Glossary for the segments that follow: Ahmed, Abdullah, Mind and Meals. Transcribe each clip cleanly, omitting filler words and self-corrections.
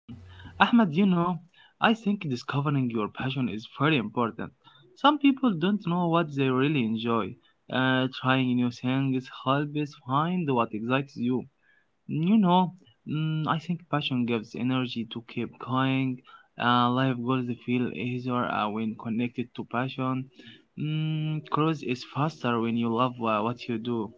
Hmm. Ahmed, you know, I think discovering your passion is very important. Some people don't know what they really enjoy. Trying new things helps find what excites you. You know, I think passion gives energy to keep going. Life goals feel easier when connected to passion. Mm, growth is faster when you love what you do.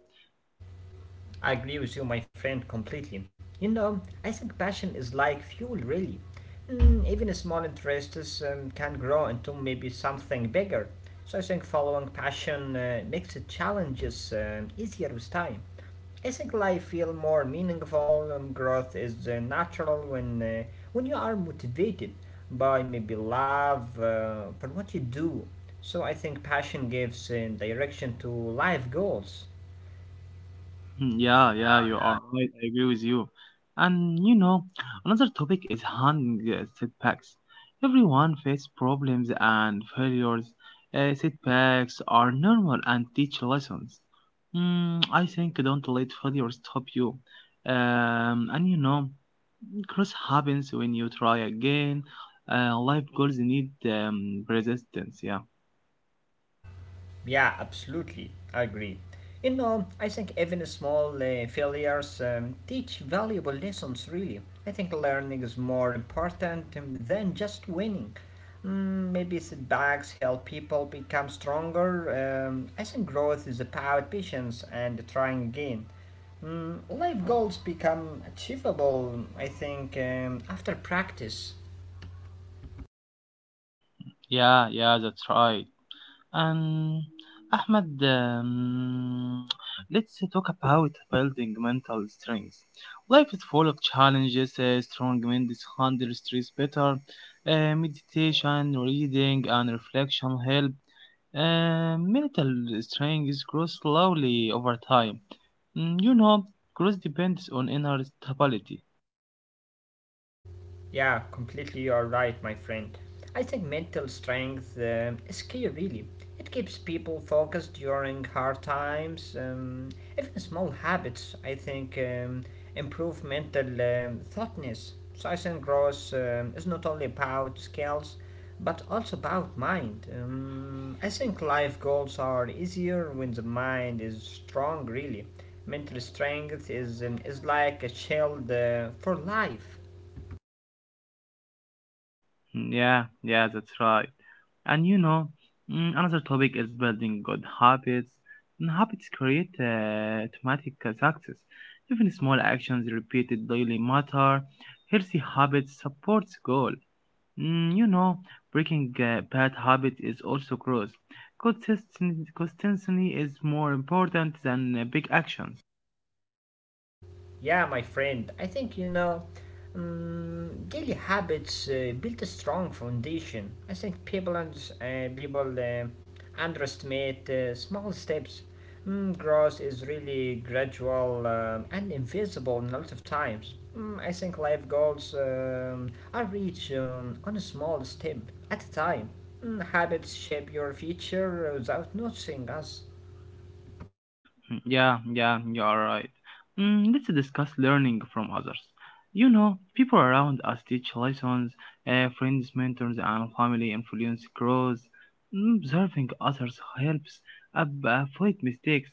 I agree with you, my friend, completely. I think passion is like fuel, really. Even small interests can grow into maybe something bigger. So I think following passion makes the challenges easier with time. I think life feel more meaningful. And growth is natural when you are motivated by maybe love for what you do. So I think passion gives direction to life goals. Hmm, yeah, yeah, you are right. I agree with you. And you know, another topic is handling setbacks. Everyone faces problems and failures. Setbacks are normal and teach lessons. Mm, I think don't let failure stop you. And you know, growth happens when you try again. Life goals need persistence. Yeah, Yeah, absolutely. I agree. I think even small failures teach valuable lessons, really. I think learning is more important than just winning. Maybe setbacks help people become stronger. I think growth is about patience and trying again. Life goals become achievable, I think, after practice. yeah, yeah. That's right. And Ahmed, let's talk about building mental strength. Life is full of challenges. Strong men handle stress better. Meditation, reading, and reflection help. Mental strength grows slowly over time. Mm, you know, growth depends on inner stability. Yeah, completely you're right, my friend. I think mental strength is key, really. It keeps people focused during hard times. Even small habits, I think, improve mental thoughtness. Science growth is not only about skills, but also about mind. I think life goals are easier when the mind is strong, really. Mental strength is like a shield for life. Mm, yeah, yeah, that's right. And you know, another topic is building good habits. And habits create automatic success. Even small actions repeated daily matter. Healthy habits supports goal. Mm, you know, breaking bad habit is also gross. Consistency is more important than big actions. Yeah, my friend, I think daily habits build a strong foundation. I think people underestimate small steps. Growth is really gradual and invisible in a lot of times. I think life goals are reached on a small step at a time. Habits shape your future without noticing us. Mm, yeah, yeah, you are right. Mm, let's discuss learning from others. You know, people around us teach lessons, friends, mentors, and family influence grows. Mm, observing others helps avoid mistakes,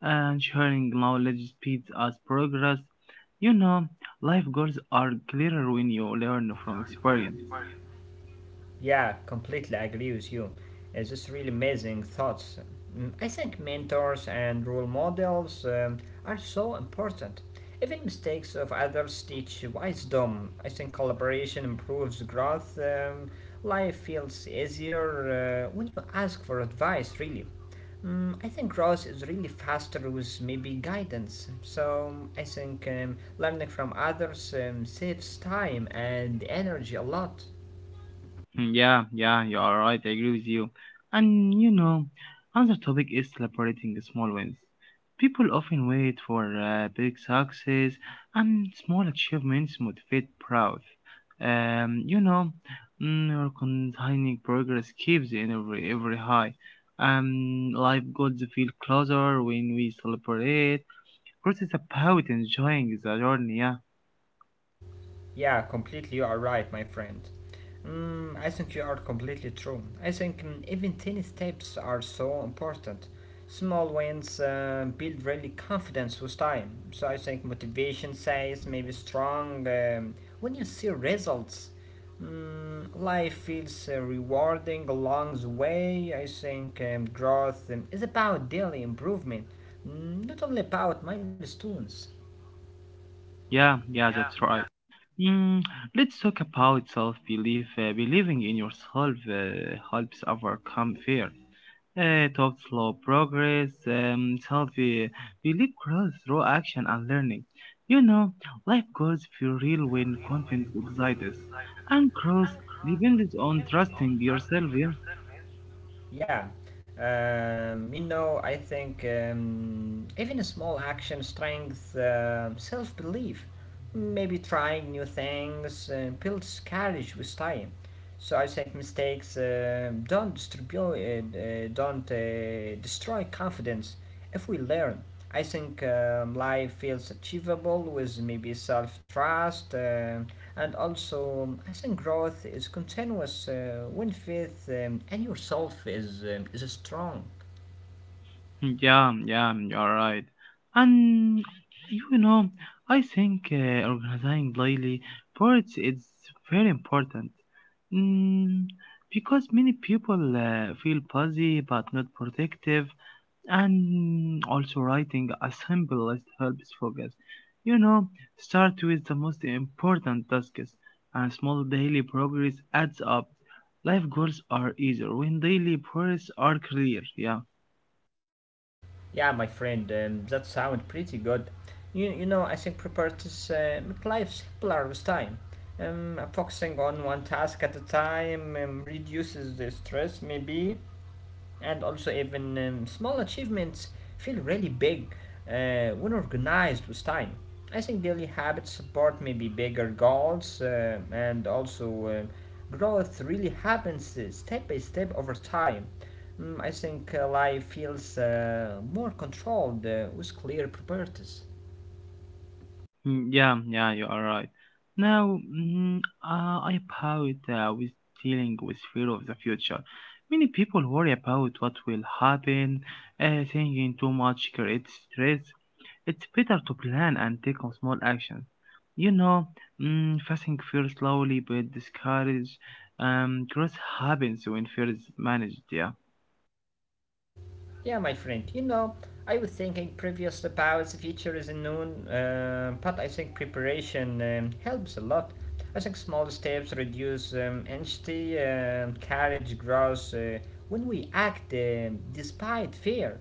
and sharing knowledge speeds us progress. You know, life goals are clearer when you learn from experience. Yeah, completely agree with you. It's just really amazing thoughts. I think mentors and role models are so important. Even mistakes of others teach wisdom. I think collaboration improves growth. Life feels easier when you ask for advice, really. I think growth is really faster with maybe guidance. So I think learning from others saves time and energy a lot. Mm, yeah, yeah, you are right. I agree with you. And you know, another topic is celebrating small wins. People often wait for big success, and small achievements motivate pride. You know, your continuing progress keeps the every high. Life goals feel closer when we celebrate. Growth is about enjoying the journey. Yeah, Yeah, completely, you are right, my friend. I think you are completely true. I think even tiny steps are so important. Small wins build really confidence with time. So I think motivation stays maybe strong when you see results. Life feels rewarding along the way. I think growth is about daily improvement, not only about milestones. yeah, yeah. That's right. Mm, let's talk about self-belief. Believing in yourself helps overcome fear. Top slow progress. Self-belief grows through action and learning. You know, life goes feel real when confidence exists, and growth depends on trusting yourself. Yeah? Yeah, I think even a small action strength, self belief. Maybe trying new things builds courage with time. So I think mistakes don't destroy confidence if we learn. I think life feels achievable with maybe self trust. And also, I think growth is continuous when faith and yourself is strong. Yeah, yeah, you're right. And you know, I think organizing daily parts is very important. Mm, because many people feel busy but not productive, and also writing a simple list helps focus. You know, start with the most important tasks, and small daily progress adds up. Life goals are easier when daily progress are clear. Yeah. Yeah, my friend, that sounds pretty good. I think preparedness make life simpler with time. Focusing on one task at a time reduces the stress, maybe. And also even small achievements feel really big when organized with time. I think daily habits support maybe bigger goals and also growth really happens step by step over time. I think life feels more controlled with clear priorities. Mm, yeah, yeah, you are right. Now, I about with dealing with fear of the future. Many people worry about what will happen. Thinking too much creates stress. It's better to plan and take on small actions. You know, facing fear slowly but discourage. Growth happens when fear is managed. Yeah, Yeah, my friend, I was thinking previously about the future is unknown, but I think preparation helps a lot. I think small steps reduce anxiety, courage grows when we act despite fear.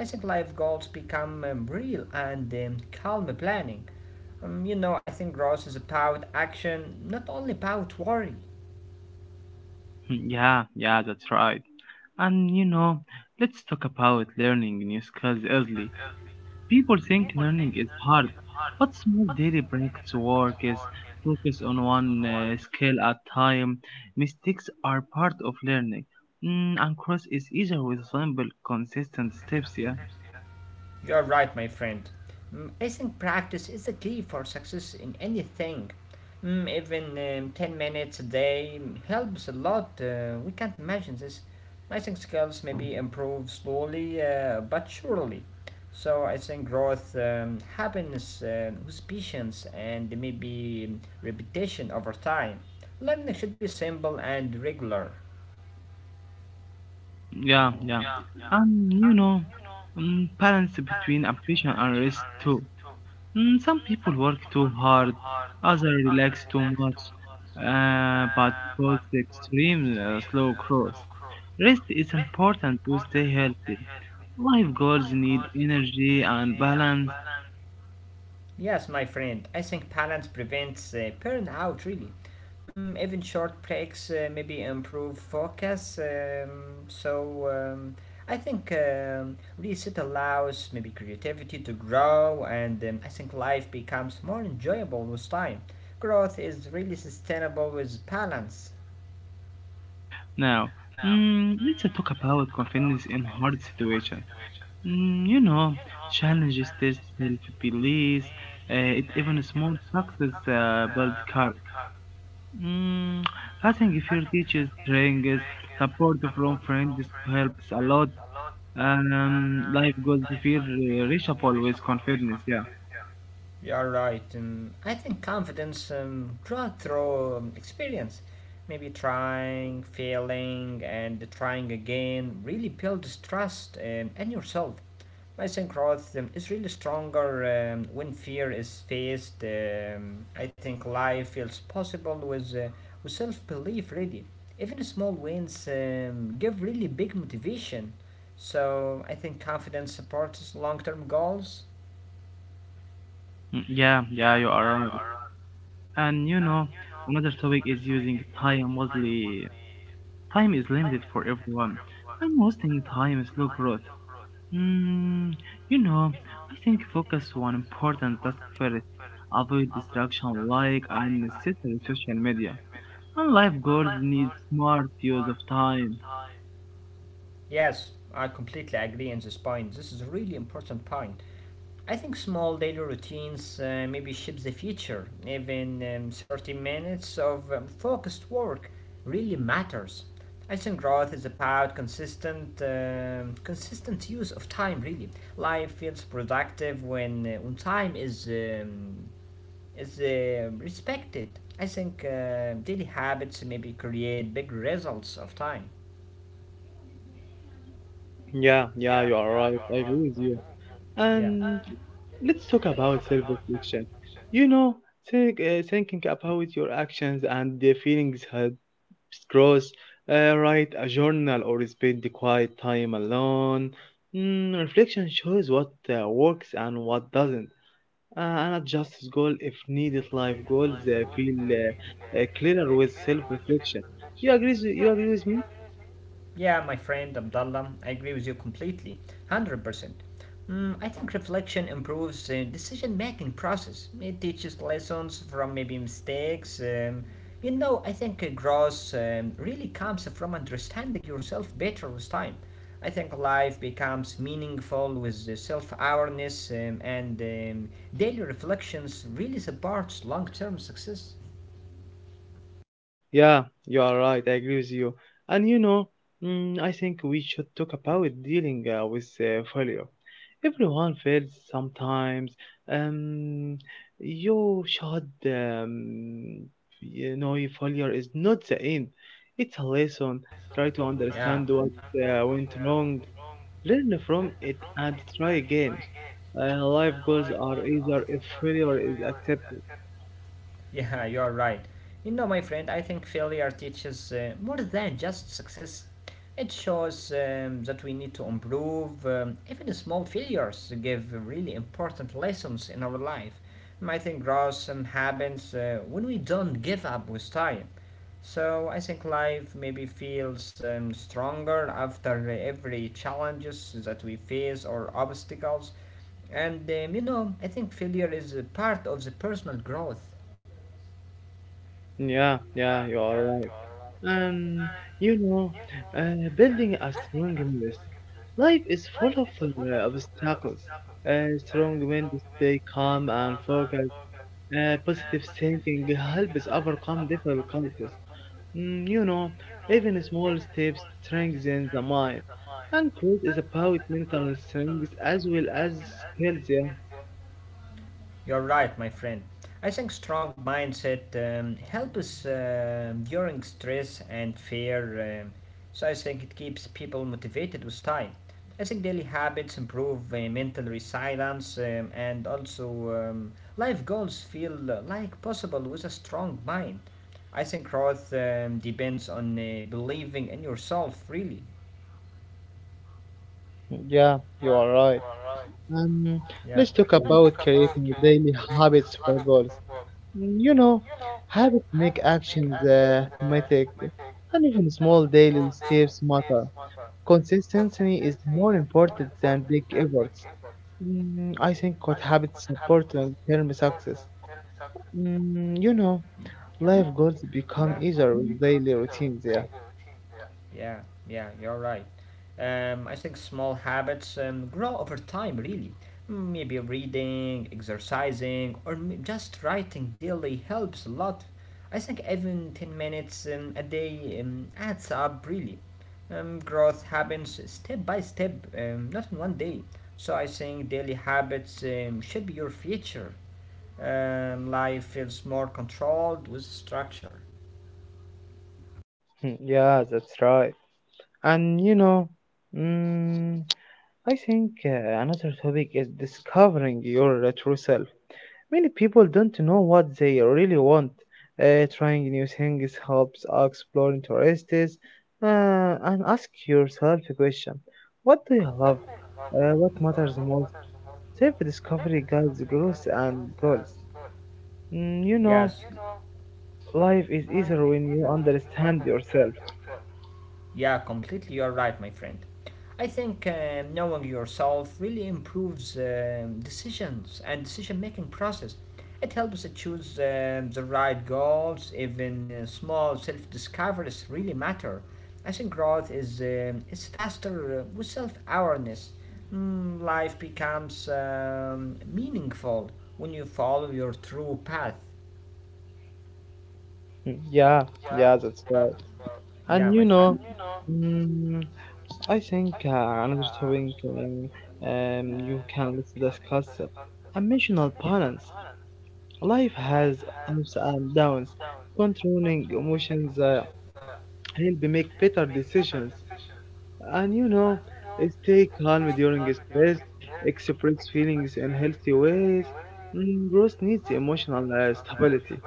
I think life goals become real and calm planning. I think growth is about action, not only about worry. mm, yeah, yeah, that's right. And you know, let's talk about learning new skills easily. People think learning is hard, but small daily practice work is focus on one skill at time. Mistakes are part of learning. Mm, and cross is easier with simple, consistent steps. Yeah, You're right, my friend. I think practice is the key for success in anything. Even 10 minutes a day helps a lot. We can't imagine this. I think skills maybe improve slowly but surely. So I think growth, happiness with patience and maybe repetition over time. Learning should be simple and regular. yeah, yeah. And you know, balance between ambition and rest too. Mm, some people work too hard, others relax too much. But both extreme slow growth. Rest is important to stay healthy. Life goals need energy and balance. Yes, my friend, I think balance prevents burnout really. Even short breaks maybe improve focus. So um, I think reset allows maybe creativity to grow, and I think life becomes more enjoyable with time. Growth is really sustainable with balance. Now, let's talk about confidence in hard situations. Mm, you know, challenges test self-belief. It even small success build courage. Mm, I think if your teachers, trainers, support from friends helps a lot. Life goals feel reachable with confidence. Yeah, You are right. I think confidence grows through experience. Maybe trying, failing, and trying again really builds trust in yourself. I think growth is really stronger when fear is faced. I think life feels possible with self belief, really. Even small wins give really big motivation. So I think confidence supports long term goals. mm, yeah, yeah. You are right. And you know, another topic is using time wisely. Time is limited for everyone. I'm wasting time in slow growth. Mm, you know, I think focus on important task first. Avoid distraction like unnecessary social media. And life goals need smart use of time. Yes, I completely agree on this point. This is a really important point. I think small daily routines maybe shapes the future. Even 30 minutes of focused work really matters. I think growth is about consistent use of time. Really, life feels productive when time is respected. I think daily habits maybe create big results of time. Yeah, yeah, you are right. I agree with you. Yeah. And let's talk about self reflection. You know, thinking about your actions and the feelings Scrolls, write a journal or spend the quiet time alone. Mm, reflection shows what works and what doesn't. And adjust his goal if needed. Life goals feel clearer with self-reflection. You agree? You agree with me? Yeah, my friend Abdullah, I agree with you completely, 100%. I think reflection improves the decision making process. It teaches lessons from maybe mistakes. I think growth really comes from understanding yourself better with time. I think life becomes meaningful with self awareness and daily reflections really supports long term success. Yeah, you are right. I agree with you. And you know, I think we should talk about dealing with failure. Everyone fails sometimes. Um, you should, you know, your failure is not the end. It's a lesson. Try to Yeah. understand what went wrong. Learn from it and try again. Life goals are either if failure is accepted. Yeah, you're right. My friend, I think failure teaches more than just success. It shows that we need to improve. Even small failures give really important lessons in our life. And I think growth happens when we don't give up with time. So I think life maybe feels stronger after every challenges that we face or obstacles. And I think failure is a part of the personal growth. Yeah, yeah, you are right. And you know, building a strong myth. Life is full of obstacles. A strong men stay calm and focused. Positive thinking helps overcome difficulties. Mm, you know, even small steps strengthen the mind. And growth is about mental strength as well as skills. Yeah. You're right, my friend. I think strong mindset helps us during stress and fear. Um, so I think it keeps people motivated with time. I think daily habits improve mental resilience and also life goals feel like possible with a strong mind. I think growth depends on believing in yourself, really. Yeah, you are right. Um, let's talk about creating daily habits for goals. Mm, you know, habits make actions mythic, and even small daily steps matter. Consistency is more important than big efforts. Mm, I think what habits support long-term success. Mm, you know, life goals become easier with daily routines. Yeah, Yeah, yeah, you're right. I think small habits grow over time, really. Maybe reading, exercising, or just writing daily helps a lot. I think even 10 minutes a day adds up, really. Growth happens step by step, not in one day. So I think daily habits should be your future. Life feels more controlled with structure. hmm, yeah, that's right. And you know, mm, I think another topic is discovering your true self. Many people don't know what they really want. Trying new things helps explore interests and ask yourself a question: what do you love? What matters the most? Self discovery guides growth and goals. Mm, you know, Yes, life is easier when you understand yourself. yeah, completely. You're right, my friend. I think knowing yourself really improves decisions and decision-making process. It helps to choose the right goals. Even small self-discoveries really matter. I think growth is faster with self-awareness. Life becomes meaningful when you follow your true path. Mm, yeah, yeah, that's right. Yeah, And my you friend. know, mm, I think another topic you can discuss emotional balance. Life has ups and downs. Controlling emotions help me make better decisions. And you know, stay calm during stress, express feelings in healthy ways. Mm, growth needs emotional stability.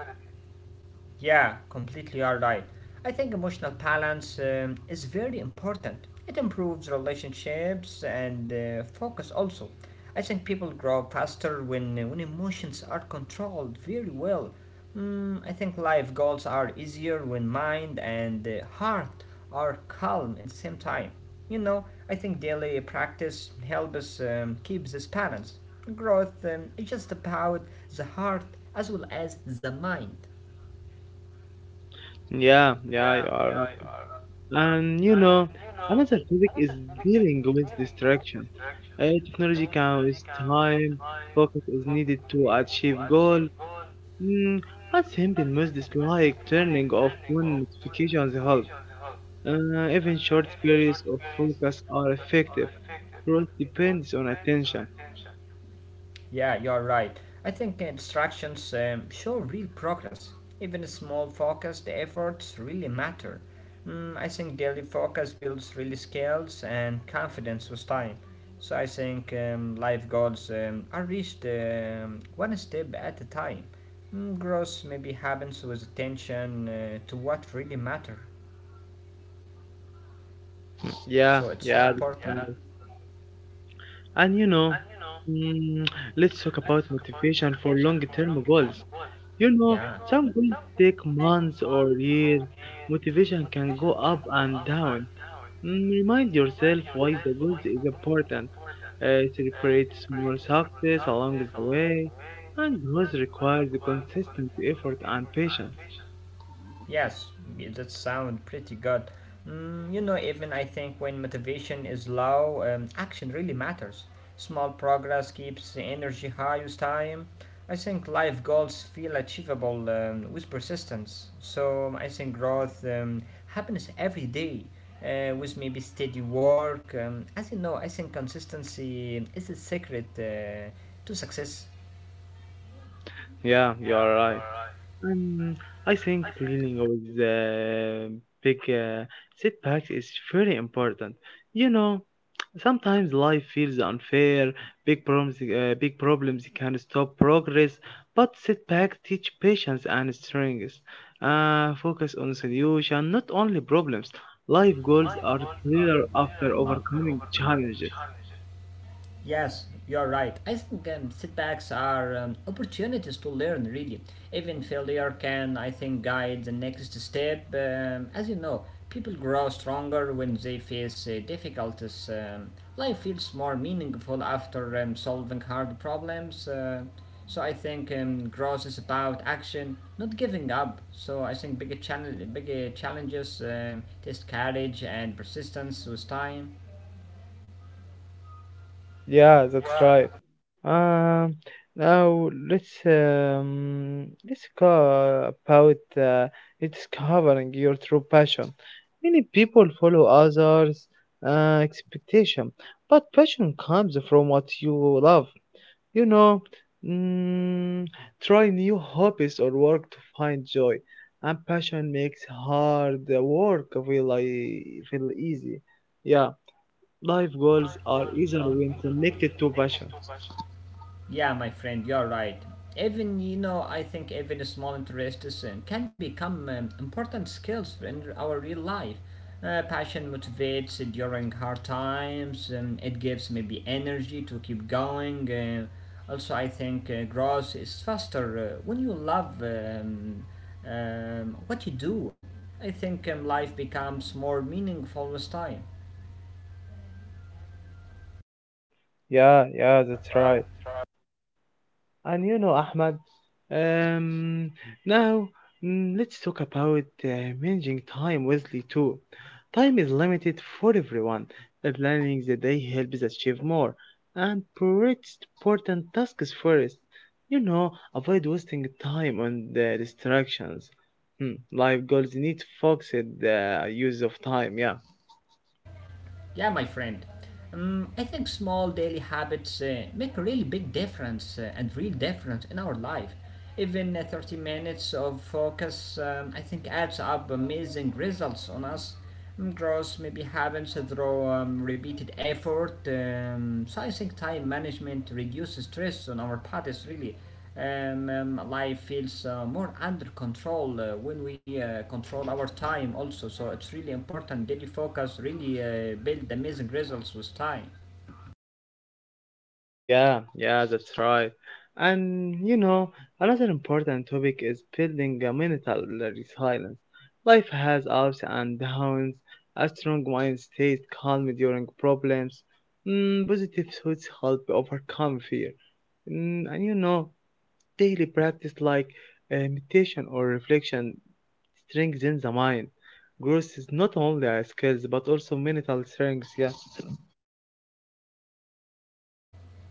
Yeah, completely are right. I think emotional balance is very important. It improves relationships and focus also. I think people grow faster when emotions are controlled very well. I think life goals are easier when mind and heart are calm at the same time. I think daily practice helps us keep this balance. Growth is just about the heart as well as the mind. Yeah, yeah, you are right. And you know, another topic is dealing with distraction. Technology can waste time, focus is needed to achieve goal. Mm, a simple message dislike turning off phone notifications help. Even short periods of focus are effective. Growth depends on attention. Yeah, you're right. I think instructions show real progress. Even small focused efforts really matter. I think daily focus builds really skills and confidence with time. So I think life goals are reached one step at a time. Growth maybe happens with attention to what really matters. So Yeah, it's yeah, important. that's right. And you know, mm, let's talk about motivation for long-term goals. You know, Yeah. some goals take months or years. Motivation can go up and down. Mm, remind yourself why the goal is important. Celebrate small success along the way, and growth requires consistent effort and patience. Yes, that sounds pretty good. Even I think when motivation is low, action really matters. Small progress keeps the energy high with time. I think life goals feel achievable with persistence. So I think growth happens every day with maybe steady work. As you know, I think consistency is the secret to success. Yeah, you are right. Um, I think dealing with big setbacks is very important. You know, sometimes life feels unfair. Big problems can stop progress, but setbacks teach patience and strength. Focus on solution, not only problems. Life goals are clear after overcoming challenges. Yes, you're right. I think setbacks are opportunities to learn, really. Even failure can, I think, guide the next step. As you know, people grow stronger when they face difficulties. Life feels more meaningful after solving hard problems. So I think growth is about action, not giving up. So I think bigger challenges test courage and persistence with time. Mm, yeah, that's right. Um, now let's go about discovering your true passion. Many people follow others' expectation, but passion comes from what you love. You know, mm, try new hobbies or work to find joy, and passion makes hard work feel easy. Yeah. Life goals are easier when connected to passion. Yeah, my friend, you're right. Even I think even small interests can become important skills in our real life. Passion motivates during hard times. It gives maybe energy to keep going. Also, I think growth is faster when you love what you do. I think life becomes more meaningful with time. Yeah, yeah, that's right. And you know, Ahmad, um, now let's talk about managing time wisely too. Time is limited for everyone. Planning the day helps achieve more and prioritize important tasks first. You know, avoid wasting time on the distractions. Hmm, life goals need focused use of time, yeah. Yeah, my friend. I think small daily habits make a really big difference and real difference in our life. Even 30 minutes of focus, I think, adds up amazing results on us. Growth maybe happens through repeated effort. So I think time management reduces stress on our bodies, really. Life feels more under control when we control our time also, so it's really important daily focus really build amazing results with time. Yeah, yeah, that's right. And you know, another important topic is building a mental resilience. Life has ups and downs. A strong mind stays calm during problems. Mm, positive thoughts help overcome fear. Mm, and you know, daily practice like meditation or reflection strengthens the mind. Growth is not only a skills but also mental strength. Yeah.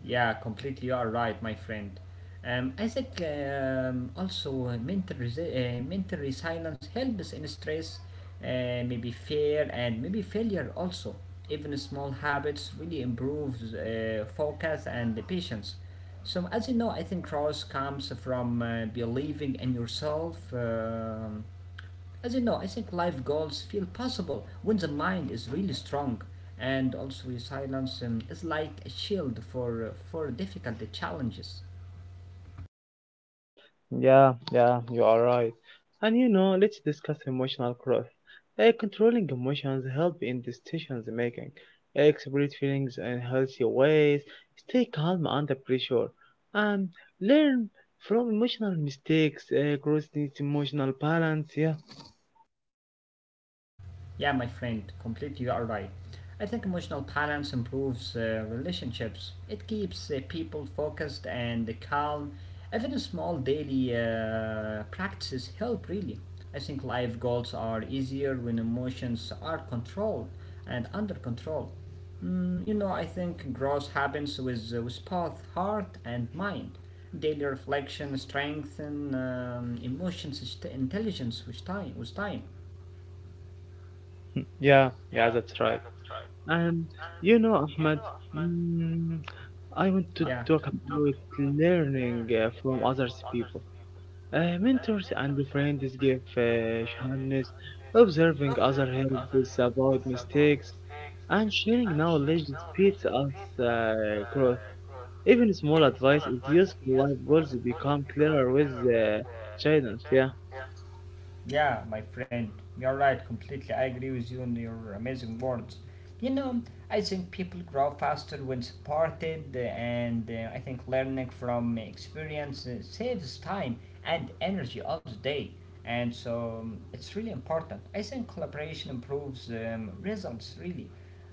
Yeah, completely. You are right, my friend. I think also mental resilience helps in stress, maybe fear, and maybe failure also. Even small habits really improves focus and the patience. So, as you know, I think trust comes from believing in yourself. As you know, I think life goals feel possible when the mind is really strong, and also resilience is like a shield for difficult challenges. Yeah, yeah, you are right. And you know, let's discuss emotional growth. Controlling emotions help in decisions making. Express feelings in healthy ways. Stay calm under pressure. And learn from emotional mistakes. Growth needs emotional balance. Yeah, Yeah, my friend, completely you are right. I think emotional balance improves relationships. It keeps people focused and calm. Even small daily practices help, really. I think life goals are easier when emotions are controlled and under control. Mm, you know, I think growth happens with both heart and mind. Daily reflection strengthen intelligence with time. With time. yeah, yeah, that's right. And you know, Ahmed, mm, I want to talk about learning from others people. Mentors and friends give Johannes observing other helps about mistakes and sharing knowledge speeds us growth. Even small advice is useful. Life goals become clearer with uh, guidance. Yeah. Yeah, my friend, you're right completely. I agree with you on your amazing words. You know, I think people grow faster when supported, and I think learning from experience saves time and energy all the day. And so it's really important. I think collaboration improves results, really.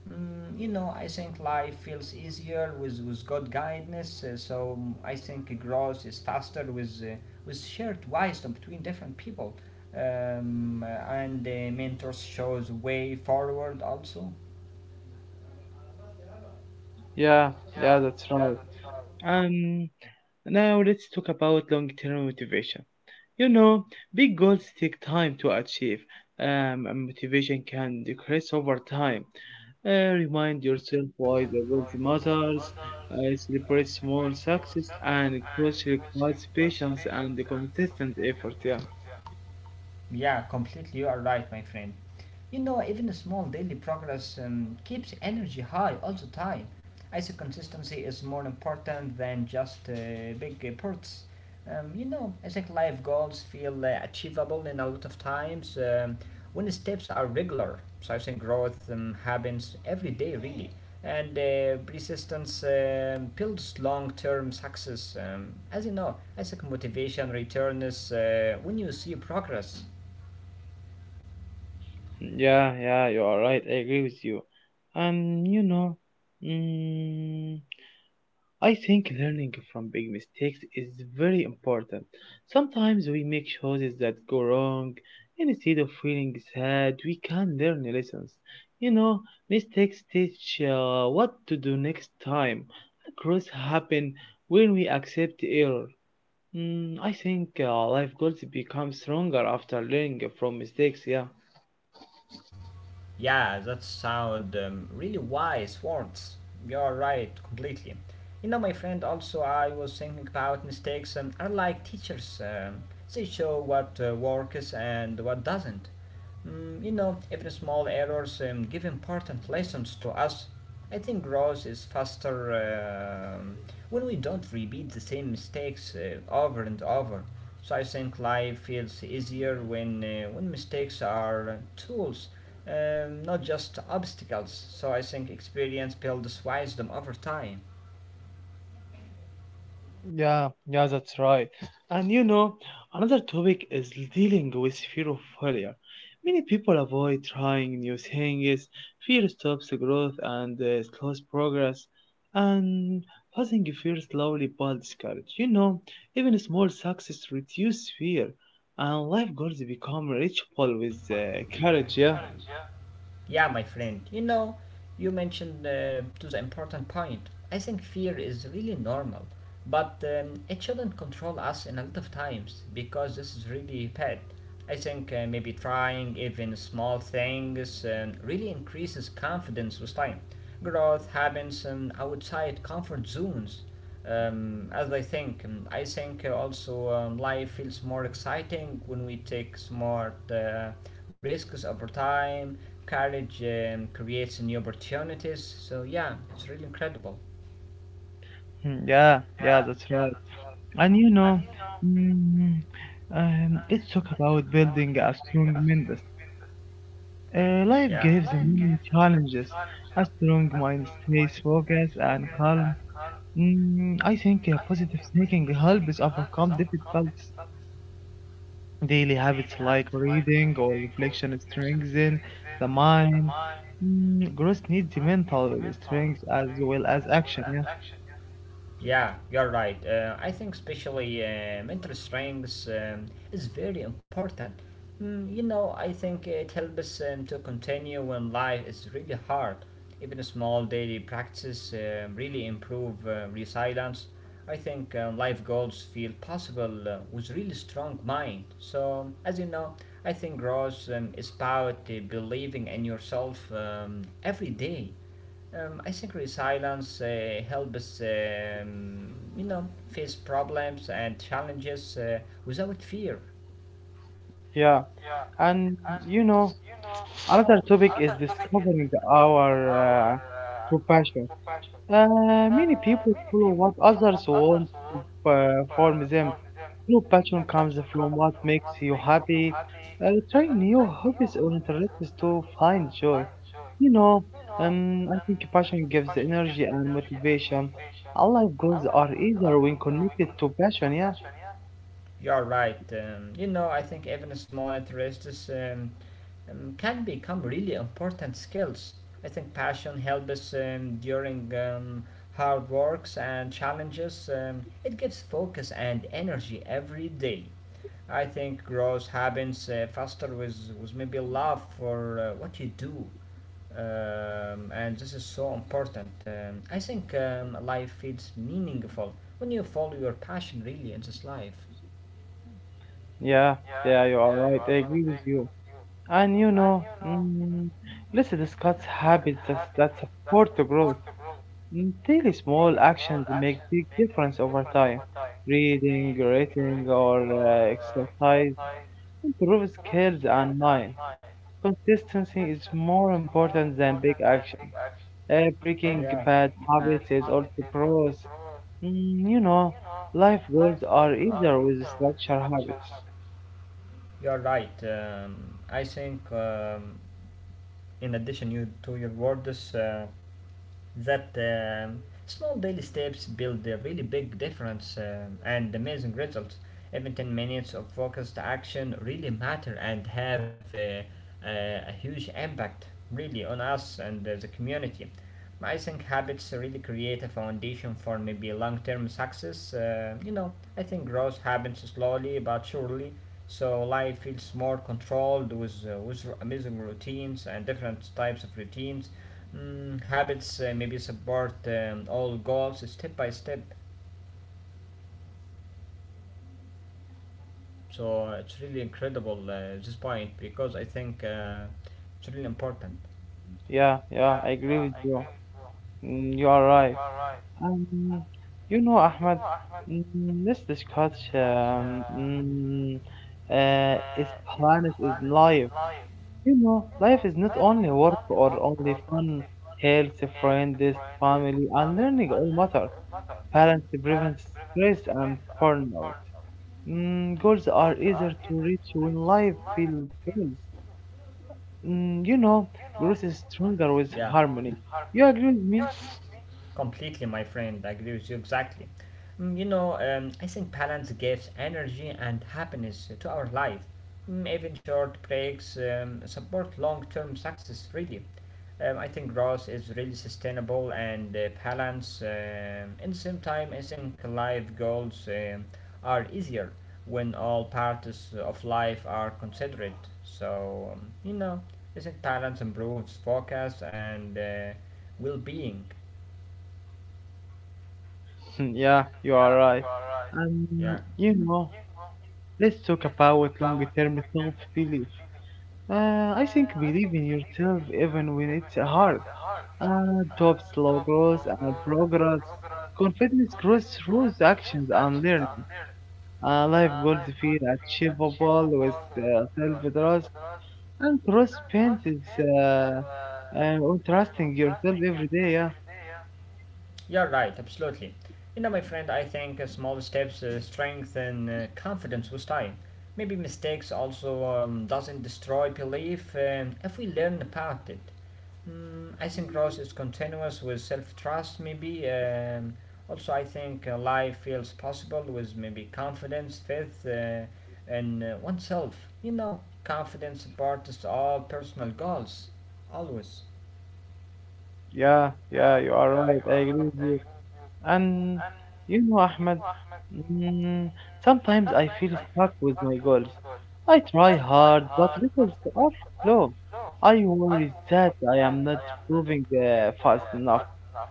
Mm, you know, I think life feels easier with good guidance. So I think growth is faster with shared wisdom between different people, um, and mentors shows way forward also. Yeah, yeah, that's right. Um, now let's talk about long-term motivation. You know, big goals take time to achieve, and motivation can decrease over time. Remind yourself why the goals matters, celebrate small success, and growth requires patience and consistent effort. Yeah, Yeah, completely. You are right, my friend. You know, even a small daily progress keeps energy high all the time. I say consistency is more important than just big perks. You know, I think life goals feel achievable in a lot of times when steps are regular. So I think growth happens every day, really. And persistence builds long term success. As you know, I think motivation returns when you see progress. yeah, yeah, you are right. I agree with you. And you know, mm, I think learning from big mistakes is very important. Sometimes we make choices that go wrong. Instead of feeling sad, we can learn lessons. You know, mistakes teach what to do next time. Growth happen when we accept error. I think life goals become stronger after learning from mistakes. Yeah. Yeah, that sound really wise words. You're right, completely. You know, my friend, also I was thinking about mistakes and are like teachers. They show what works and what doesn't. Mm, you know, even small errors give important lessons to us. I think growth is faster um when we don't repeat the same mistakes over and over. So I think life feels easier when mistakes are tools, not just obstacles. So I think experience builds wisdom over time. Yeah, yeah, that's right. And you know, another topic is dealing with fear of failure. Many people avoid trying new things. Fear stops the growth and slows progress. And passing fear slowly builds courage. Even small success reduce fear, and life goals become reachable with courage. Yeah. Yeah, my friend, you know, you mentioned to the important point. I think fear is really normal, but it shouldn't control us in a lot of times because this is really bad. I think maybe trying even small things really increases confidence with time. Growth happens outside comfort zones as I think. I think also life feels more exciting when we take smart risks over time. Courage creates new opportunities. So yeah, it's really incredible. Hmm, yeah, yeah, that's right. And you know. Mm, let's talk about building a strong mindset. Life Yeah. gives many challenges. A strong mind stays focused and calm. I think positive thinking helps overcome difficult daily habits like reading or reflection strengthen the mind. Growth needs mental strength as well as action. Yeah. Yeah, you're right. I think especially mental strength is very important. Mm, you know, I think it helps to continue when life is really hard. Even small daily practices really improve resilience. I think life goals feel possible with really strong mind. So, as you know, I think growth is about believing in yourself every day. I think resilience helps us, you know, face problems and challenges without fear. Yeah, and you know, another topic is discovering our uh, true passion. Many people follow what others want uh, from them. Your passion comes from what makes you happy. Try new hobbies or interests to find joy. You know, I think passion gives energy and motivation. Our life goals are easier when connected to passion. Yeah, You're right. You know, I think even small interests can become really important skills. I think passion helps us during hard works and challenges. It gives focus and energy every day. I think growth happens faster with maybe love for what you do, and this is so important. I think life feels meaningful when you follow your passion really in this life. yeah, yeah. You are right. I agree with you. And you know, mm, let's discuss habits that support the growth. Daily small actions make big difference over time. Reading, writing, or exercise improve skills and mind. Consistency is more important than big action. Breaking bad habits is also growth. Mm, you know, life goals are easier with structured habits. You are right. I think, in addition you, to your words, that small daily steps build a really big difference and amazing results. Even 10 minutes of focused action really matter and have a huge impact really on us and the community. I think habits really create a foundation for maybe long term success. You know, I think growth happens slowly but surely. So life feels more controlled with amazing routines and different types of routines. Mm, habits maybe support all goals step by step. So it's really incredible this point because I think it's really important. Yeah, yeah, I agree with you. Mm, you are right. Um, you know, Ahmed, mm, let's discuss um, mm, is planet is life. You know, life is not only work or only fun, health, friends, family, and learning all matter. Parents prevent stress and burnout. Goals are easier to reach when life feels. Mm, you know, growth is stronger with Yeah. harmony. You agree with me? Completely, my friend. I agree with you exactly. Mm, you know, I think balance gives energy and happiness to our life. Mm, even short breaks support long term success, really. I think growth is really sustainable and balance. In the same time, I think life goals are easier when all parts of life are considered. So, you know, I think balance improves focus and well being. Yeah, you are right. You know. Let's talk about long term self belief. I think believe in yourself even when it's hard. Top slow growth and progress. Confidence grows through the actions and learning. Life goals feel achievable with self trust and growth spent is uh, on trusting yourself every day. Yeah, You're right, absolutely. You know, my friend, I think small steps strengthen confidence with time. Maybe mistakes also doesn't destroy belief if we learn about it. Mm, I think growth is continuous with self-trust, maybe. Also, I think life feels possible with maybe confidence, faith, and oneself. You know, confidence supports all personal goals, always. yeah, yeah, you are right. I agree with you. And you know, Ahmed, mm, sometimes I feel stuck with my goals. I try hard, but results are slow. I worry that I am not moving fast enough.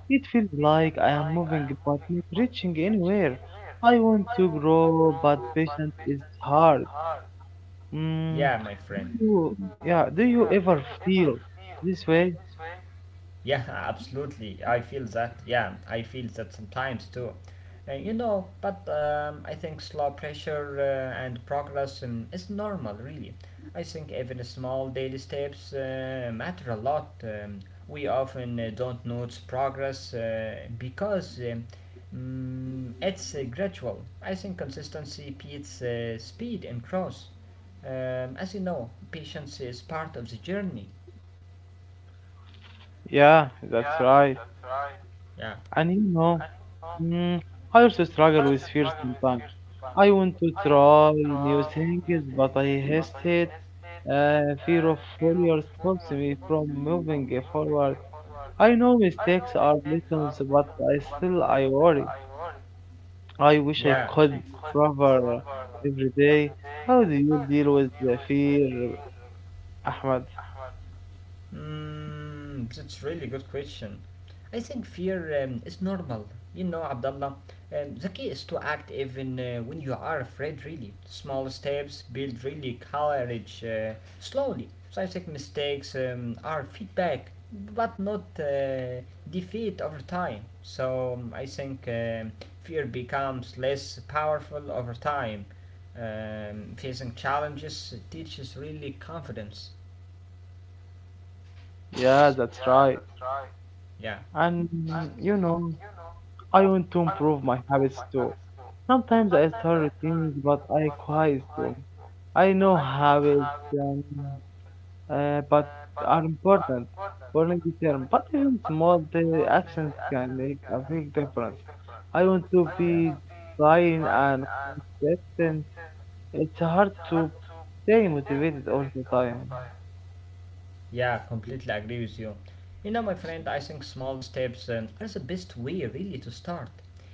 It feels like I am moving but not reaching anywhere. I want to grow, but patience is hard. Mm, Yeah, my friend. Do you ever feel this way? Yeah, absolutely. I feel that. Yeah, I feel that sometimes too. You know, but I think slow pressure and progress is normal, really. I think even small daily steps matter a lot. We often don't notice progress because it's gradual. I think consistency beats speed and growth. As you know, patience is part of the journey. Yeah, that's right. Yeah. And you know, mm, I also struggle with fear sometimes. I want to try new things, but I hesitate. Fear of failure stops me from moving forward. I know mistakes are lessons, but I still I worry. I wish I Yeah. could recover every day. How do you deal with the fear, Ahmed? Mm, that's really good question. I think fear is normal. You know, Abdullah, the key is to act even when you are afraid, really. Small steps build really courage slowly. So I think mistakes are feedback, but not defeat over time. So I think fear becomes less powerful over time. Facing challenges teaches really confidence. Yeah, that's right. Yeah. And you know, I want to improve my habits too. Sometimes I start things, but I quiet them. I know habits but are important for long term. But even small daily actions can make a big difference. I want to be dying and consistent. It's hard to stay motivated all the time. Yeah, completely agree with you. You know, my friend, I think small steps are the best way really to start.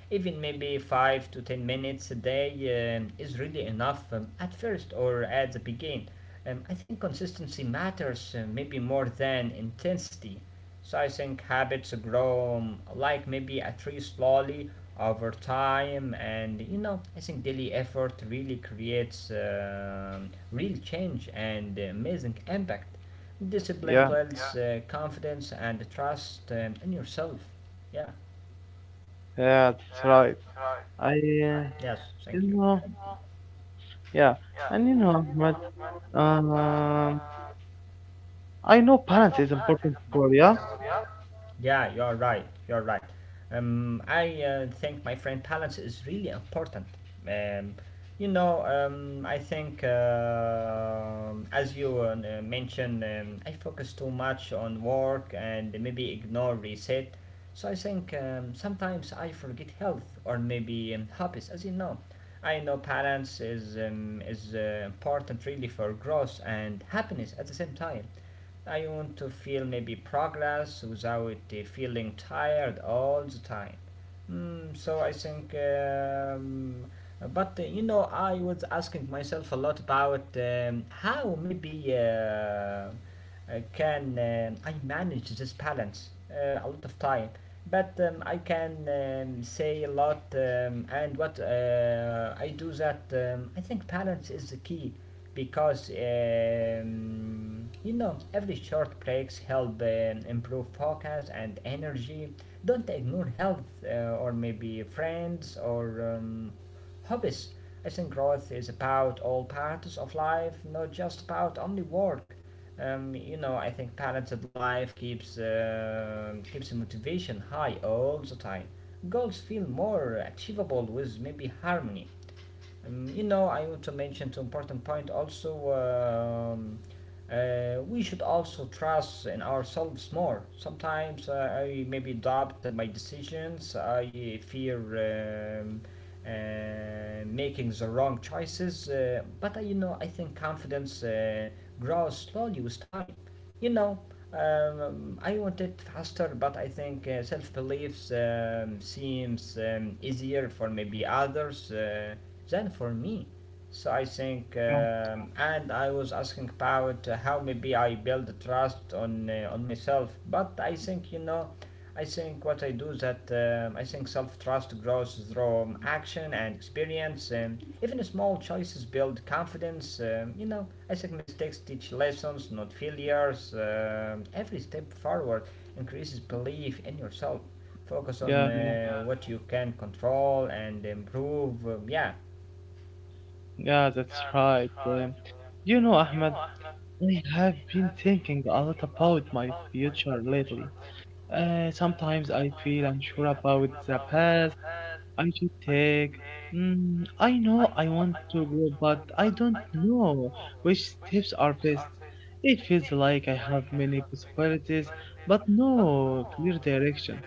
Even maybe 5 to 10 minutes a day is really enough at first or at the beginning. I think consistency matters maybe more than intensity. So I think habits grow like maybe a tree slowly over time, and you know, I think daily effort really creates real change and amazing impact. Yeah, Discipline builds confidence and trust in yourself. Yeah. yeah, that's right. I, Yeah. you Thank you. know, yeah, and you know, but um, I know balance is important for yeah. Yeah, you're right. You're right. I think my friend balance is really important. Um, you know, I think as you mentioned, I focus too much on work and maybe ignore reset. So I think sometimes I forget health or maybe hobbies, as you know. I know balance is important really for growth and happiness at the same time. I want to feel maybe progress without feeling tired all the time. Mm, so I think, but you know, I was asking myself a lot about how maybe can I manage this balance a lot of time. But I can say a lot, and what I do that I think balance is the key because you know every short breaks help improve focus and energy. Don't ignore health or maybe friends or um, hobbies. I think growth is about all parts of life, not just about only work. You know, I think balanced life keeps keeps motivation high all the time. Goals feel more achievable with maybe harmony. You know, I want to mention two important point also. Um, we should also trust in ourselves more. Sometimes I maybe doubt my decisions. I fear making the wrong choices. But you know, I think confidence grows slowly with time. You know, I want it faster, but I think self beliefs seems easier for maybe others. Than for me. So I think, and I was asking about how maybe I build trust on myself. But I think what I do is that I think self trust grows through action and experience. Even small choices build confidence. You know, I think mistakes teach lessons, not failures. Every step forward increases belief in yourself. Focus on Yeah, yeah, what you can control and improve. Yeah. yeah, that's right. You know, Ahmed, I have been thinking a lot about my future lately. Sometimes I feel unsure about the path I should take. I know I want to grow, but I don't know which steps are best. It feels like I have many possibilities, but no clear direction.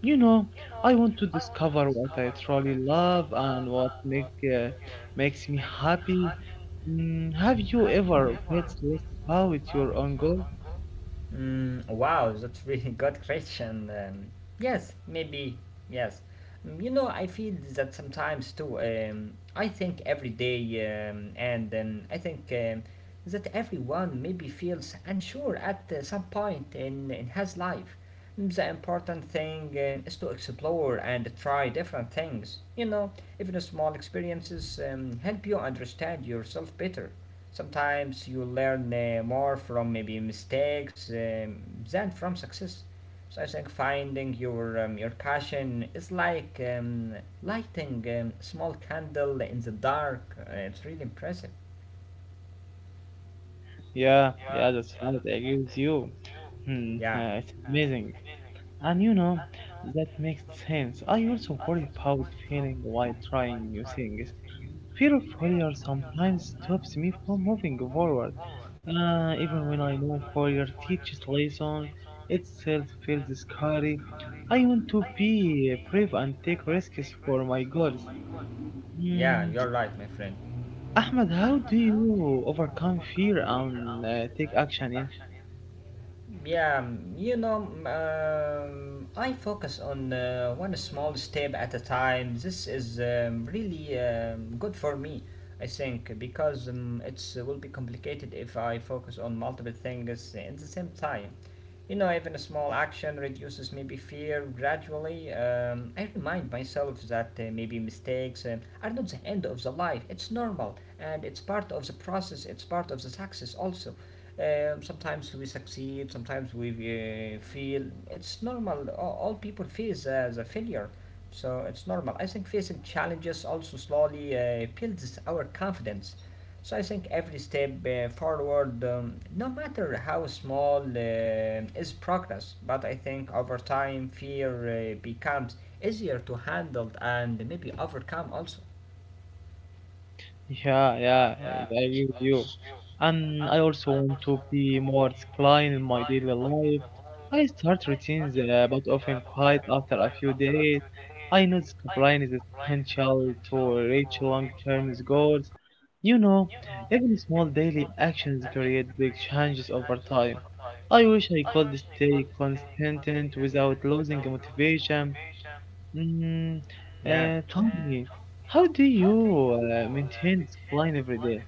You know, I want to discover what I truly love and what make makes me happy. Have you ever felt lost about your own goal? Mm, wow, that's really good question. Yes, maybe, yes. Mm, you know, I feel that sometimes too. I think every day, and I think that everyone maybe feels unsure at some point in his life. Mm, the important thing is to explore and try different things. You know, even small experiences help you understand yourself better. Sometimes you learn more from maybe mistakes than from success. So I think finding your passion is like lighting a small candle in the dark. It's really impressive. Yeah, yeah, that's right. I agree with you. Hmm, Yeah, it's amazing. And you know, that makes sense. I also worry about failing while trying new things. Fear of failure sometimes stops me from moving forward. Even when I know failure teaches lessons, itself feels scary. I want to be brave and take risks for my goals. yeah, Mm, you're right, my friend. Ahmed, how do you overcome fear and take action? Yeah. Yeah, you know, I focus on one small step at a time. This is really good for me, I think, because it's will be complicated if I focus on multiple things at the same time. You know, even a small action reduces maybe fear gradually. I remind myself that maybe mistakes are not the end of the life. It's normal and it's part of the process, it's part of the success also. Sometimes we succeed, sometimes we feel. It's normal. All people face as a failure, so it's normal. I think facing challenges also slowly builds our confidence. So I think every step forward, no matter how small, is progress. But I think over time, fear becomes easier to handle and maybe overcome also. Yeah, yeah, I agree with you. And I also want to be more disciplined in my daily life. I start routines, but often quite after a few days. I know discipline is essential to reach long-term goals. You know, even small daily actions create big changes over time. I wish I could stay consistent without losing motivation. Mm, Yeah. Tell me, how do you maintain discipline every day?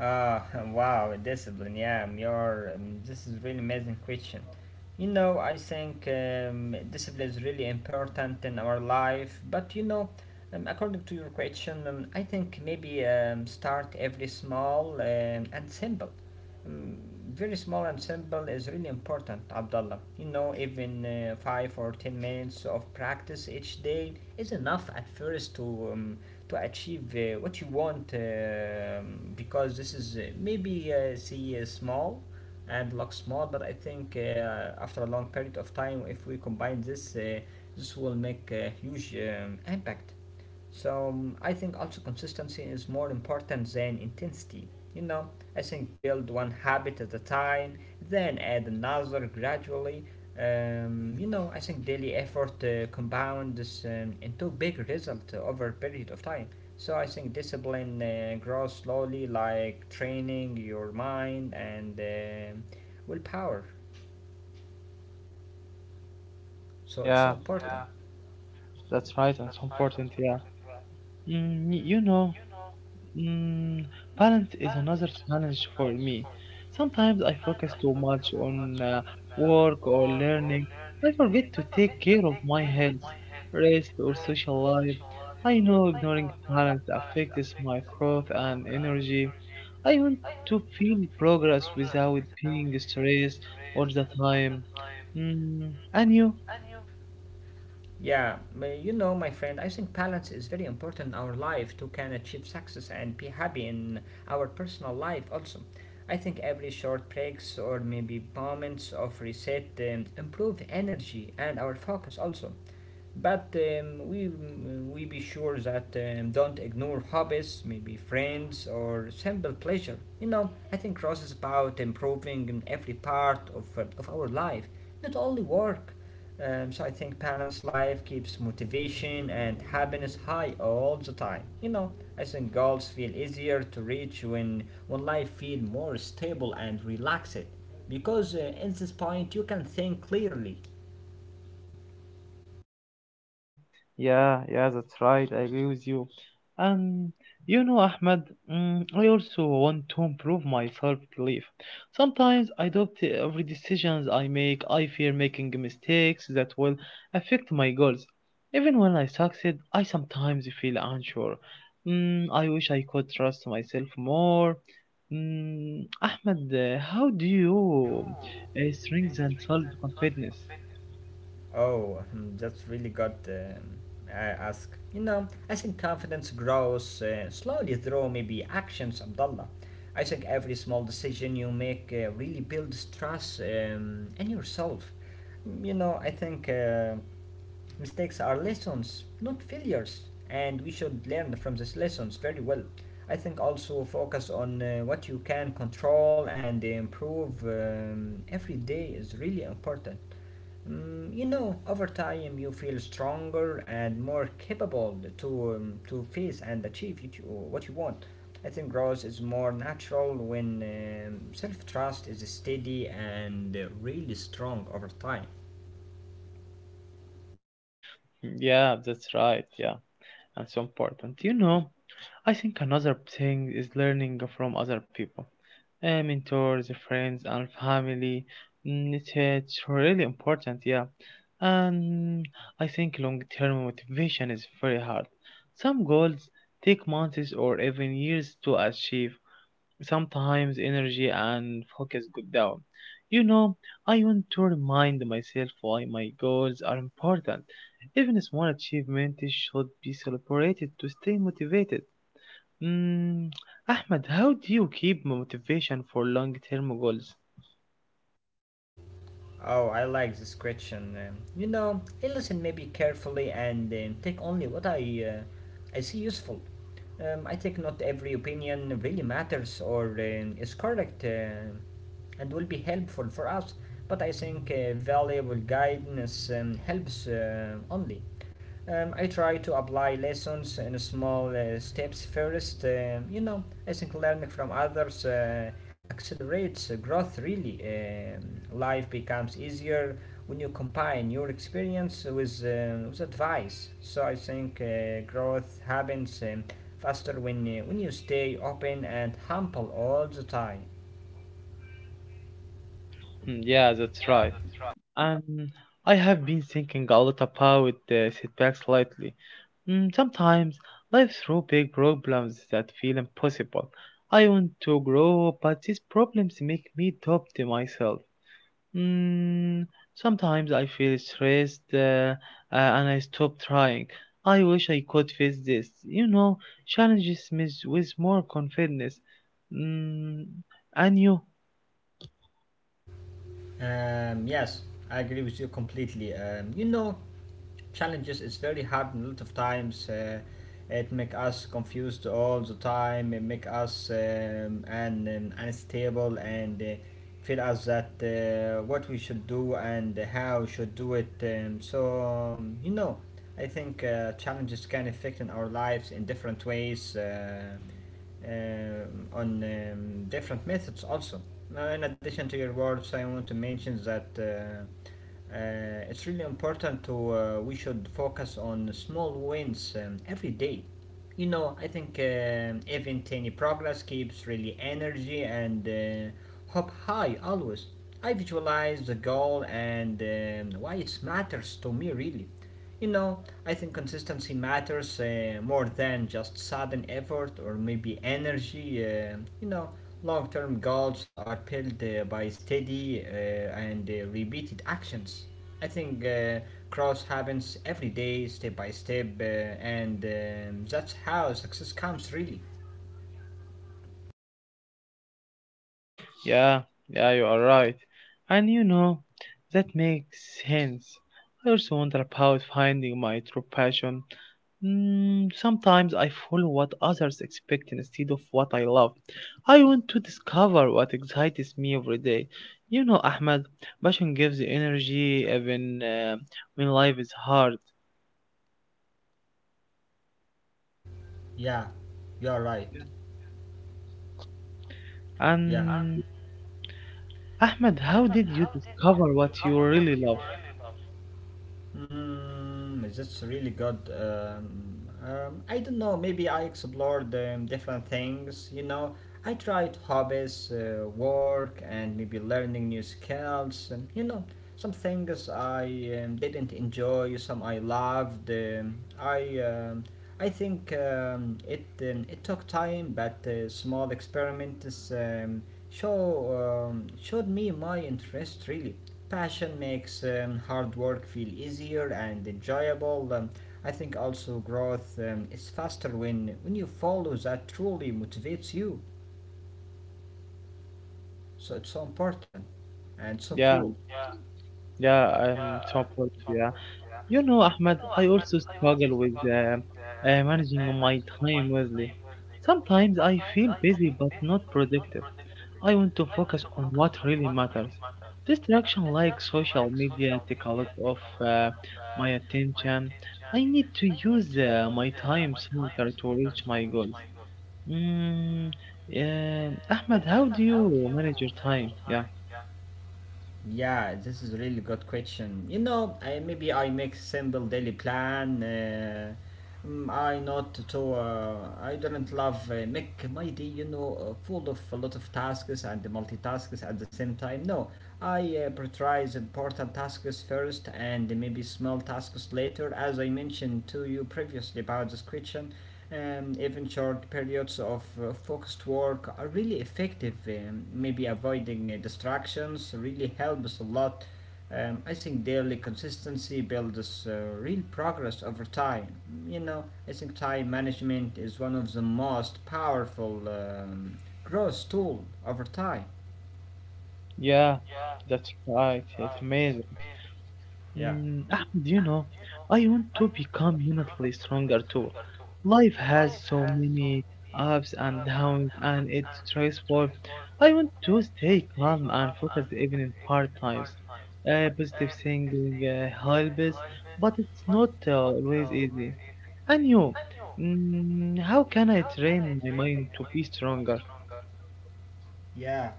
Ah, wow, discipline. Yeah, you this is really amazing question. You know, I think discipline is really important in our life. But you know, according to your question, I think maybe start every small and simple. Um, very small and simple is really important, Abdullah. You know, even 5 or 10 minutes of practice each day is enough at first um, to achieve what you want because this is maybe see small and looks small, but I think after a long period of time, if we combine this this will make a huge impact. So I think also consistency is more important than intensity. You know, I think build one habit at a time, then add another gradually. You know, I think daily effort compounds into big result over a period of time. So I think discipline grows slowly, like training your mind and willpower. So it's so Yeah, important. that's right and so important. Yeah. You know. Mm, balance is another challenge for me. Sometimes I focus too much on work or learning. I forget to take care of my health, rest, or social life. I know ignoring balance affects my growth and energy. I want to feel progress without being stressed all the time. Mm, and you? Yeah, but you know, my friend, I think balance is very important in our life to can achieve success and be happy in our personal life also. I think every short breaks or maybe moments of reset improve energy and our focus also. But we be sure that don't ignore hobbies, maybe friends or simple pleasure. You know, I think cross is about improving in every part of our life, not only work. So I think parents' life keeps motivation and happiness high all the time. You know, I think goals feel easier to reach when life feel more stable and relaxed, because at this point you can think clearly. Yeah, yeah, that's right. I agree with you. And you know, Ahmed, mm, I also want to improve my self-belief. Sometimes I doubt every decisions I make. I fear making mistakes that will affect my goals. Even when I succeed, I sometimes feel unsure. I wish I could trust myself more. Mm, Ahmed, how do you strengthen self-confidence? Oh, hmm, that's really good I ask. You know, I think confidence grows slowly through maybe actions, Abdullah. I think every small decision you make really builds trust in yourself. Mm, you know, I think mistakes are lessons, not failures, and we should learn from these lessons very well. I think also focus on what you can control and improve every day is really important. Mm, you know, over time you feel stronger and more capable to face and achieve what you want. I think growth is more natural when self trust is steady and really strong over time. Hmm, yeah, that's right. Yeah. And so important. You know, I think another thing is learning from other people, mentors, friends, and family. Mm, it's, it's really important, yeah. And I think long term motivation is very hard. Some goals take months or even years to achieve, sometimes energy and focus go down. You know, I want to remind myself why my goals are important. Even small achievements should be celebrated to stay motivated. Mm, Ahmed, how do you keep motivation for long term goals? Oh, I like this question. You know, I listen maybe carefully and take only what I see useful. I think not every opinion really matters or is correct. And will be helpful for us, but I think valuable guidance helps only. I try to apply lessons in small steps first. You know, I think learning from others accelerates growth really. Life becomes easier when you combine your experience with advice. So I think growth happens faster when you stay open and humble all the time. Hmm, yeah, that's right. And I have been thinking a lot about the setbacks lately. Sometimes life throws big problems that feel impossible. I want to grow, but these problems make me doubt myself. Mm, sometimes I feel stressed and I stop trying. I wish I could face this. You know, challenges me with more confidence. Mm, and you? Yes, I agree with you completely. You know, challenges is very hard and a lot of times. It make us confused all the time. It make us and unstable and feel us that what we should do and how we should do it. So you know, I think challenges can affect in our lives in different ways. On different methods also. Now, in addition to your words, I want to mention that it's really important to we should focus on small wins every day. You know, I think even tiny progress keeps really energy and hope high always. I visualize the goal and why it matters to me really. You know, I think consistency matters more than just sudden effort or maybe energy. You know, long term goals are built by steady and repeated actions. I think growth happens every day, step by step, and that's how success comes, really. Yeah, yeah, you are right. And you know, that makes sense. I also wonder about finding my true passion. Sometimes I follow what others expect instead of what I love. I want to discover what excites me every day. You know, Ahmed, passion gives energy even when life is hard. Yeah, you're right. Yeah. And Ahmed, how did you discover what you really love? Mm, that's really good. I don't know, maybe I explored different things, you know. I tried hobbies, work, and maybe learning new skills, and you know, some things I didn't enjoy, some I loved. I think it took time, but small experiments showed me my interest really. Passion makes hard work feel easier and enjoyable. I think also growth is faster when you follow that truly motivates you. So it's so important and so Yeah, cool. yeah, I'm so proud of you. You know, Ahmed, I also struggle with managing my time wisely. Sometimes I feel busy but not productive. I want to focus on what really matters. Distraction like social media take a lot of my attention. I need to use my time smarter to reach my goals. Mm, Ahmed, how do you manage your time? Yeah, Yeah, this is a really good question. You know, maybe I make simple daily plan. Mm, I not to. I don't love make my day. You know, full of a lot of tasks and multitasks at the same time. No, I prioritize important tasks first and maybe small tasks later, as I mentioned to you previously about this question. Even short periods of focused work are really effective. Maybe avoiding distractions really helps a lot. I think daily consistency builds real progress over time. You know, I think time management is one of the most powerful growth tool over time. yeah, that's right. It's amazing. Yeah. Mm, Ahmed, you know, I want to become mentally stronger too. Life has so many ups and downs, and it's stressful. I want to stay calm and focused even in hard times. Positive thinking helps, but it's not always easy. And you, mm, how can I train my mind to be stronger? Yeah,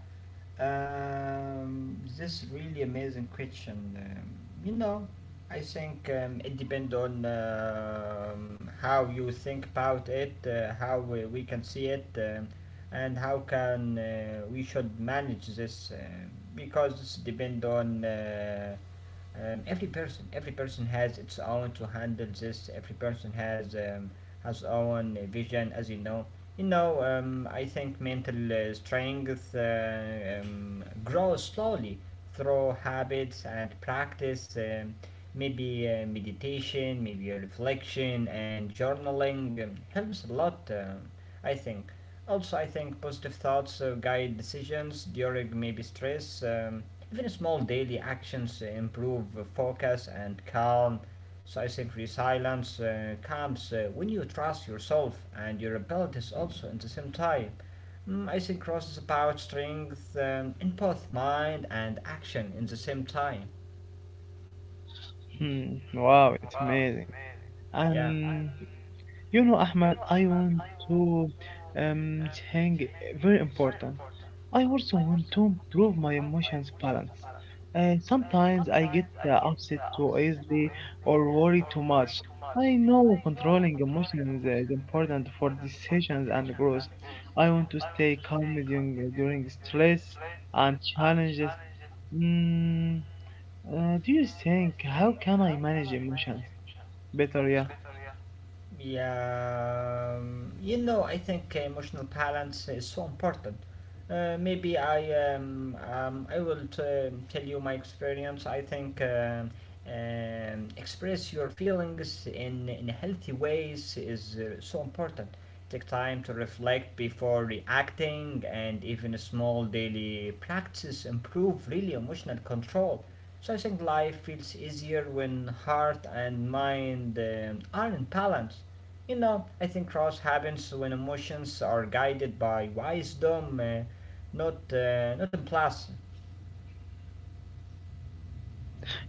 this really amazing question. You know, I think it depends on how you think about it, how we can see it, and how can we should manage this because this depends on. Every person has its own to handle this. Every person has own vision, as you know. You know, I think mental strength grows slowly through habits and practice. Maybe meditation, maybe reflection and journaling helps a lot. Um i think also i think positive thoughts guide decisions during maybe stress. Even small daily actions improve focus and calm. So I think resilience comes when you trust yourself and your abilities also at the same time. Mm, I think trust is about strength in both mind and action in the same time. Hmm, wow, it's amazing. Yeah. Um, you know, Ahmad, I want to um think very important. I also want to improve my emotions balance. Sometimes I get upset too easily or worry too much. I know controlling emotions is important for decisions and growth. I want to stay calm during stress and challenges. Mm, do you think how can I manage emotions better? Yeah. Yeah, you know, I think emotional balance is so important. Maybe I will tell you my experience. I think express your feelings in healthy ways is so important. Take time to reflect before reacting, and even small daily practices improve really emotional control. So I think life feels easier when heart and mind are in balance. You know, I think trust happens when emotions are guided by wisdom, not not impulse.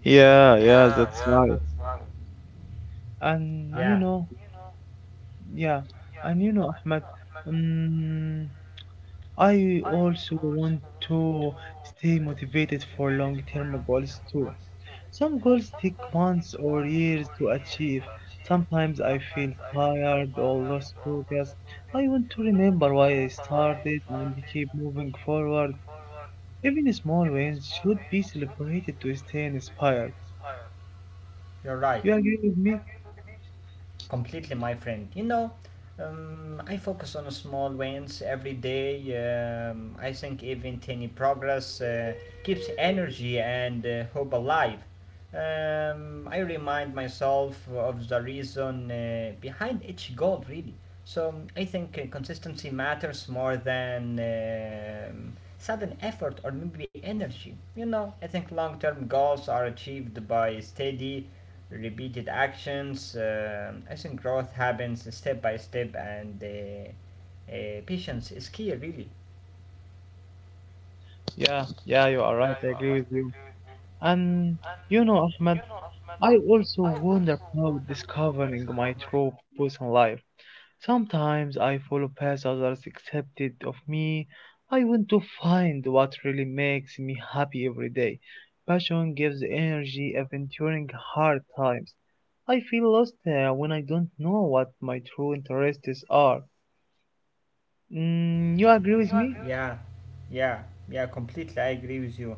Yeah, yeah, that's right. and you know yeah and you know, ahmed, um, I also want to stay motivated for long-term goals too. Some goals take months or years to achieve. Sometimes I feel tired or lost focus. I want to remember why I started and keep moving forward. Even small wins should be celebrated to stay inspired. You're right, You agree with me? completely, my friend. You know, I focus on small wins every day. I think even tiny progress keeps energy and hope alive. I remind myself of the reason behind each goal, really. So I think consistency matters more than sudden effort or maybe energy. You know, I think long term goals are achieved by steady, repeated actions. I think growth happens step by step, and patience is key, really. Yeah, yeah, you are right. I agree with you. And you know, Ahmed, I also wonder about discovering my true purpose in life. Sometimes I follow paths others accepted of me. I want to find what really makes me happy every day. Passion gives energy even during hard times. I feel lost when I don't know what my true interests are. You agree with me? Yeah, yeah, yeah, completely. I agree with you.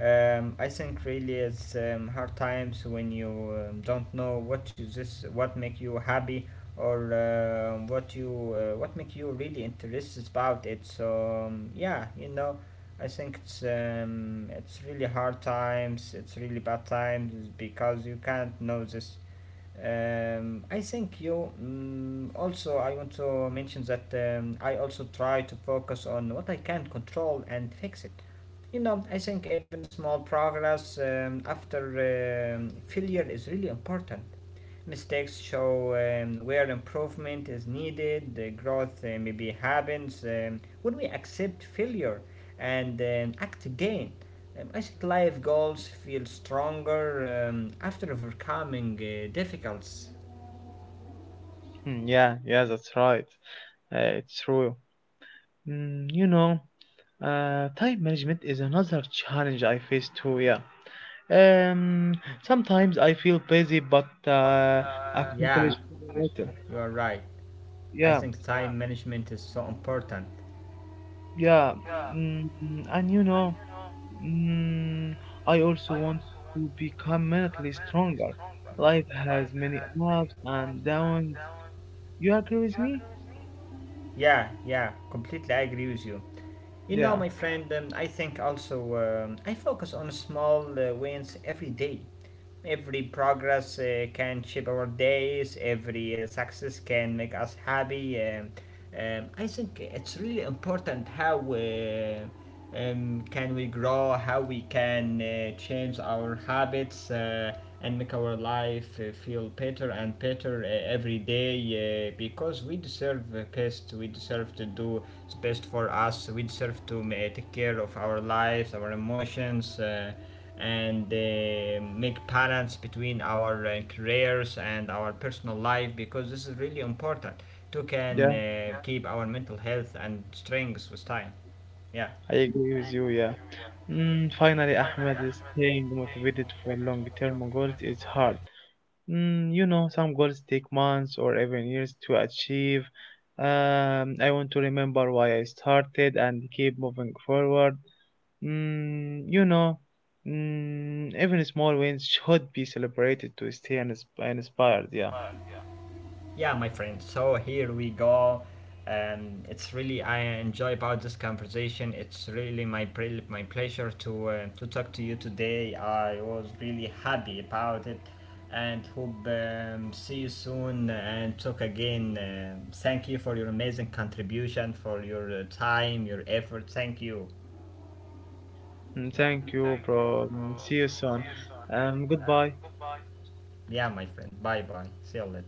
I think really it's hard times when you don't know what is this, what make you happy, or what you what make you really interested about it. So yeah, you know, I think it's really hard times. It's really bad times because you can't know this. I think you mm also I want to mention that I also try to focus on what I can control and fix it. You know, I think even small progress after failure is really important. Mistakes show where improvement is needed. The growth maybe happens when we accept failure and act again. I think life goals feel stronger after overcoming difficulties. Hmm, yeah, yeah, that's right. It's true. Mm, you know, time management is another challenge I face too. Yeah. Um, sometimes I feel busy but Yeah, accomplish later. you're right. I Yeah, think time management is so important. yeah. Mm, and you know, mm, I also want to become mentally stronger. Life has many ups and downs. You agree with me? Yeah, yeah, completely. I agree with you. You know, Yeah. my friend, I think also I focus on small wins every day. Every progress can shape our days, every success can make us happy. I think it's really important how. And can we grow, how we can change our habits and make our life feel better and better every day because we deserve best, we deserve to do the best for us, we deserve to take care of our lives, our emotions. And make balance between our careers and our personal life because this is really important to can Yeah. Keep our mental health and strength with time. Yeah. I agree with you, yeah. Mm, finally, Ahmed is staying motivated for long term goals is hard. You know, some goals take months or even years to achieve. I want to remember why I started and keep moving forward. Mm, you know, even small wins should be celebrated to stay inspired. Yeah. Yeah, my friend. So here we go. It's really I enjoy about this conversation. It's really my my pleasure to talk to you today. I was really happy about it, and hope see you soon and talk again. Thank you for your amazing contribution, for your time, your effort. Thank you. Mm, thank you, bro. Mm, see you soon. Goodbye. Yeah, my friend. Bye bye. See you later.